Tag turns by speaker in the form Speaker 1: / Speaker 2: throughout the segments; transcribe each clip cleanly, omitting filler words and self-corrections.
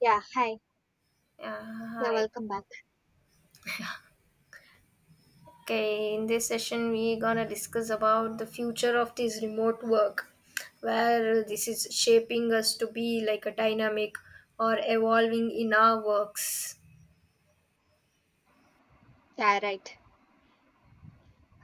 Speaker 1: Yeah, hi.
Speaker 2: Yeah,
Speaker 1: Yeah,
Speaker 2: hi.
Speaker 1: welcome back.
Speaker 2: Okay, in this session we're gonna discuss about the future of this remote work, where this is shaping us to be like a dynamic or evolving in our works.
Speaker 1: Yeah, right.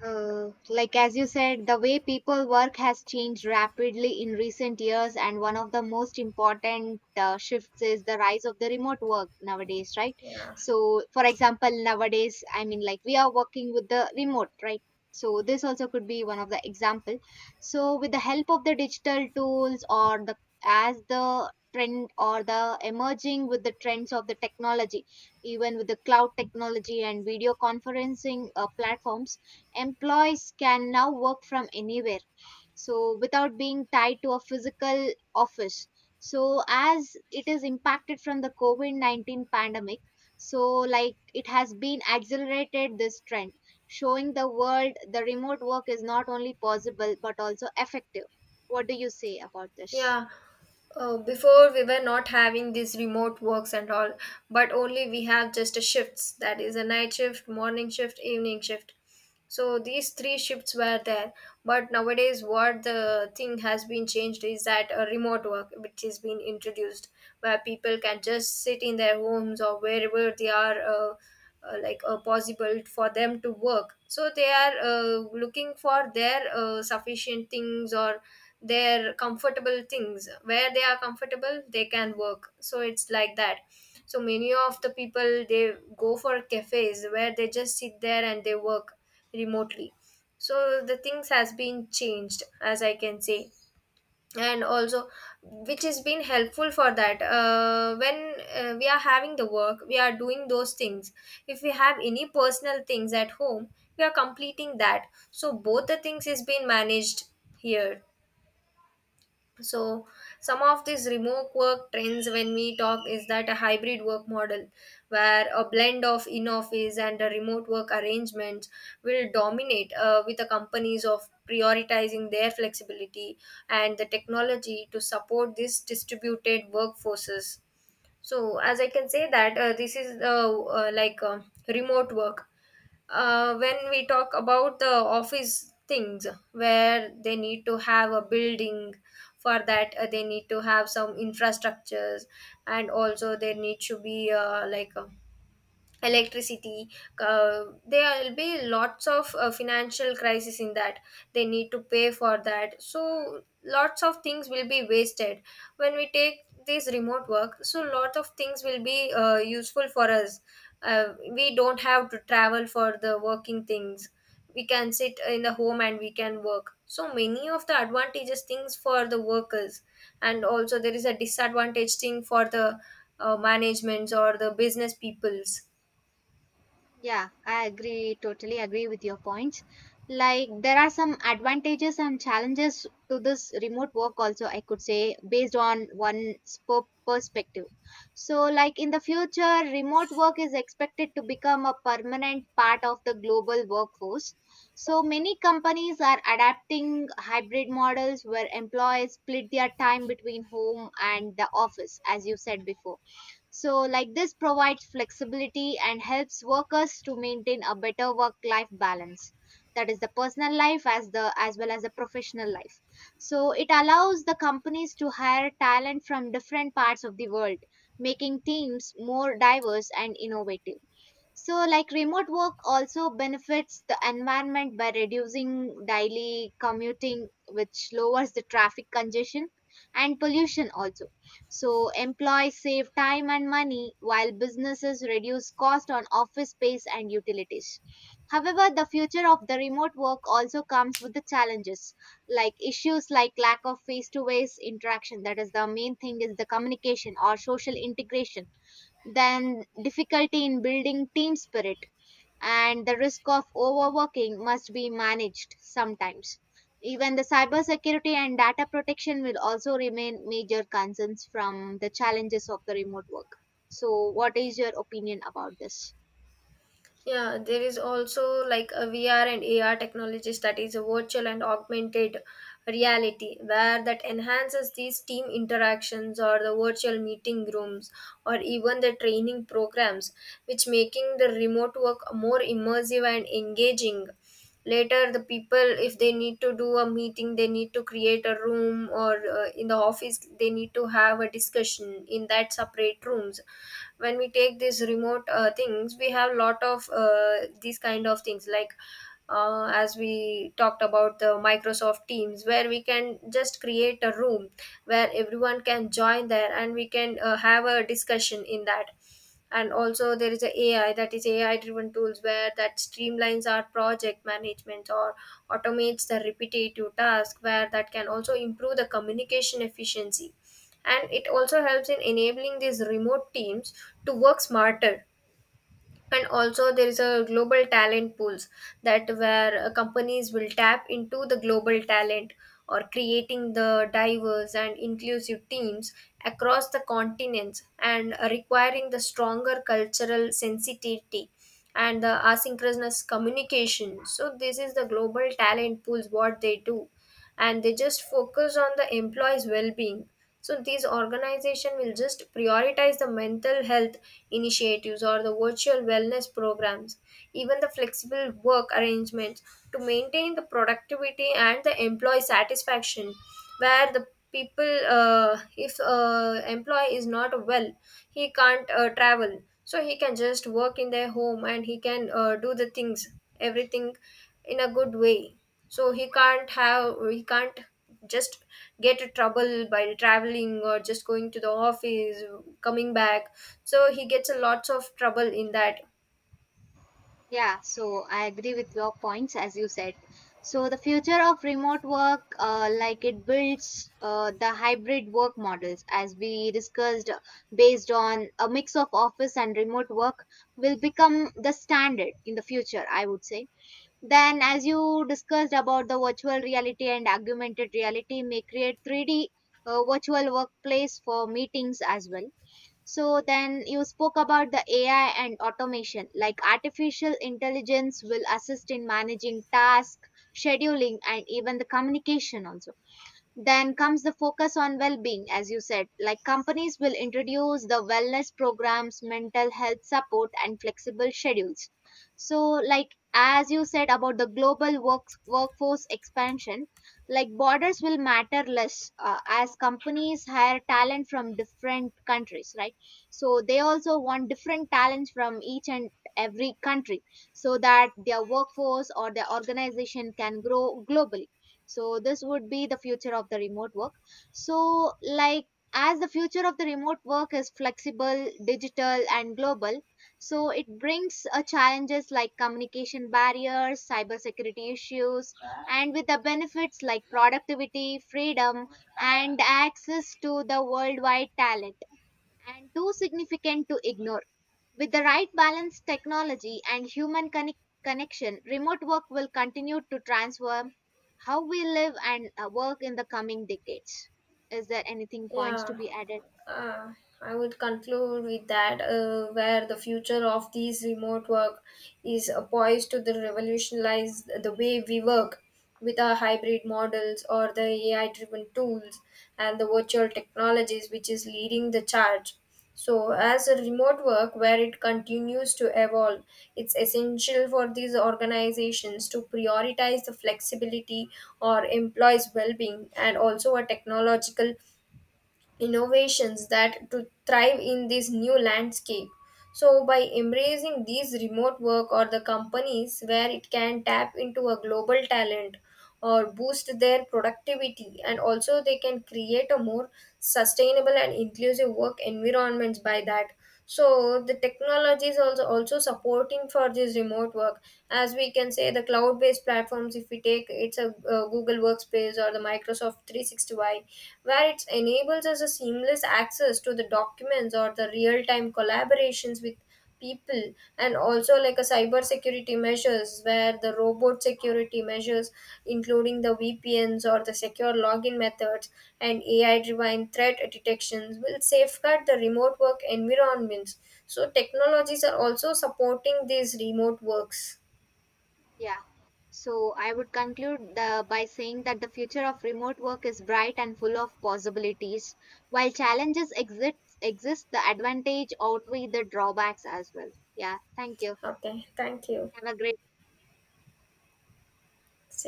Speaker 1: Like as you said, the way people work has changed rapidly in recent years, and one of the most important shifts is the rise of the remote work nowadays, right?
Speaker 2: Yeah.
Speaker 1: So, for example, nowadays, I mean, like we are working with the remote, right? So this also could be one of the example. So with the help of the digital tools or the as the trend or the emerging with the trends of the technology, even with the cloud technology and video conferencing platforms employees can now work from anywhere, so without being tied to a physical office. So, as it is impacted from the COVID 19 pandemic, so like it has been accelerated this trend, showing the world the remote work is not only possible but also effective. What do you say about this?
Speaker 2: Yeah. Before we were not having these remote works and all, but only we have just a shifts that is a night shift, morning shift, evening shift. So these three shifts were there, but nowadays what the thing has been changed is that a remote work which has been introduced, where people can just sit in their homes or wherever they are possible for them to work, so they are looking for their sufficient things or their comfortable things where they are comfortable they can work, so it's like that. So many of the people they go for cafes where they just sit there and they work remotely. So the things has been changed, as I can say. And also, which has been helpful for that, when we are having the work we are doing those things, if we have any personal things at home, we are completing that, so both the things is being managed here. So some of these remote work trends when we talk is that a hybrid work model, where a blend of in office and a remote work arrangements will dominate, with the companies of prioritizing their flexibility and the technology to support these distributed workforces. So as I can say that, this is like remote work. When we talk about the office things, where they need to have a building, for that they need to have some infrastructures, and also there need to be like a electricity, there will be lots of financial crisis in that, they need to pay for that, so lots of things will be wasted. When we take this remote work, so lot of things will be useful for us. We don't have to travel for the working things, we can sit in the home and we can work, so many of the advantages things for the workers, and also there is a disadvantage thing for the managements or the business peoples.
Speaker 1: Yeah, I agree, totally agree with your points. Like, there are some advantages and challenges to this remote work, also, I could say, based on one's perspective. So, like, in the future, remote work is expected to become a permanent part of the global workforce. So, many companies are adapting hybrid models where employees split their time between home and the office, as you said before, so like this provides flexibility and helps workers to maintain a better work-life balance. That is the personal life as well as the professional life. So it allows the companies to hire talent from different parts of the world, making teams more diverse and innovative. So, like remote work also benefits the environment by reducing daily commuting, which lowers the traffic congestion and pollution also. So, employees save time and money while businesses reduce cost on office space and utilities. However, the future of the remote work also comes with the challenges, like issues like lack of face to face interaction. That is the main thing is the communication or social integration, then difficulty in building team spirit and the risk of overworking must be managed sometimes. Even the cybersecurity and data protection will also remain major concerns from the challenges of the remote work. So, what is your opinion about this?
Speaker 2: Yeah, there is also like a VR and AR technologies, that is a virtual and augmented reality, where that enhances these team interactions or the virtual meeting rooms or even the training programs, which making the remote work more immersive and engaging. Later the people, if they need to do a meeting they need to create a room, or in the office they need to have a discussion in that separate rooms. When we take these remote things, we have lot of these kind of things, like as we talked about the Microsoft Teams, where we can just create a room where everyone can join there and we can have a discussion in that. And also there is a AI, that is AI driven tools, where that streamlines our project management or automates the repetitive task, where that can also improve the communication efficiency, and it also helps in enabling these remote teams to work smarter. And also there is a global talent pools, that where companies will tap into the global talent, or creating the diverse and inclusive teams across the continents, and requiring the stronger cultural sensitivity and the asynchronous communication. So this is the global talent pools what they do. And they just focus on the employees well-being, so these organization will just prioritize the mental health initiatives or the virtual wellness programs, even the flexible work arrangements, to maintain the productivity and the employee satisfaction. Where the people, if employee is not well, he can't travel, so he can just work in their home and he can do the things, everything in a good way. So he can't just get a trouble by traveling or just going to the office, coming back, so he gets a lots of trouble in that.
Speaker 1: Yeah, so I agree with your points as you said. So the future of remote work, like it builds the hybrid work models, as we discussed, based on a mix of office and remote work, will become the standard in the future. I would say. Then, as you discussed about the virtual reality and augmented reality, may create 3D virtual workplace for meetings as well. So then you spoke about the AI and automation, like artificial intelligence will assist in managing task, scheduling, and even the communication also. Then comes the focus on well being, as you said, like companies will introduce the wellness programs, mental health support, and flexible schedules. So, like, as you said about the workforce expansion, like borders will matter less as companies hire talent from different countries, right? So, they also want different talents from each and every country so that their workforce or their organization can grow globally. So this would be the future of the remote work. So, like, as the future of the remote work is flexible digital and global, so it brings challenges like communication barriers, cybersecurity issues, and with the benefits like productivity, freedom, and access to the worldwide talent and too significant to ignore. With the right balance, technology and human connection, remote work will continue to transform how we live and work in the coming decades. Is there anything points to
Speaker 2: Yeah,
Speaker 1: be added?
Speaker 2: uh, I would conclude with that, where the future of these remote work is poised to the revolutionize the way we work, with our hybrid models or the AI-driven tools and the virtual technologies, which is leading the charge. So, as a remote work where it continues to evolve, it's essential for these organizations to prioritize the flexibility or employees' well being, and also a technological innovations that to thrive in this new landscape. So by embracing these remote work, or the companies where it can tap into a global talent or boost their productivity, and also they can create a more sustainable and inclusive work environments by that. So the technology is also supporting for this remote work. As we can say, the cloud based platforms if we take, it's a, Google Workspace or the Microsoft 365, where it enables us a seamless access to the documents or the real-time collaborations with people. And also like a cyber security measures, where the robot security measures including the VPNs or the secure login methods and AI driven threat detections will safeguard the remote work environments. So technologies are also supporting these remote works.
Speaker 1: Yeah. So I would conclude the, by saying that the future of remote work is bright and full of possibilities. While challenges exist, exist the advantage outweigh the drawbacks as well. Yeah. Thank you.
Speaker 2: Okay, thank you.
Speaker 1: Have a great
Speaker 2: See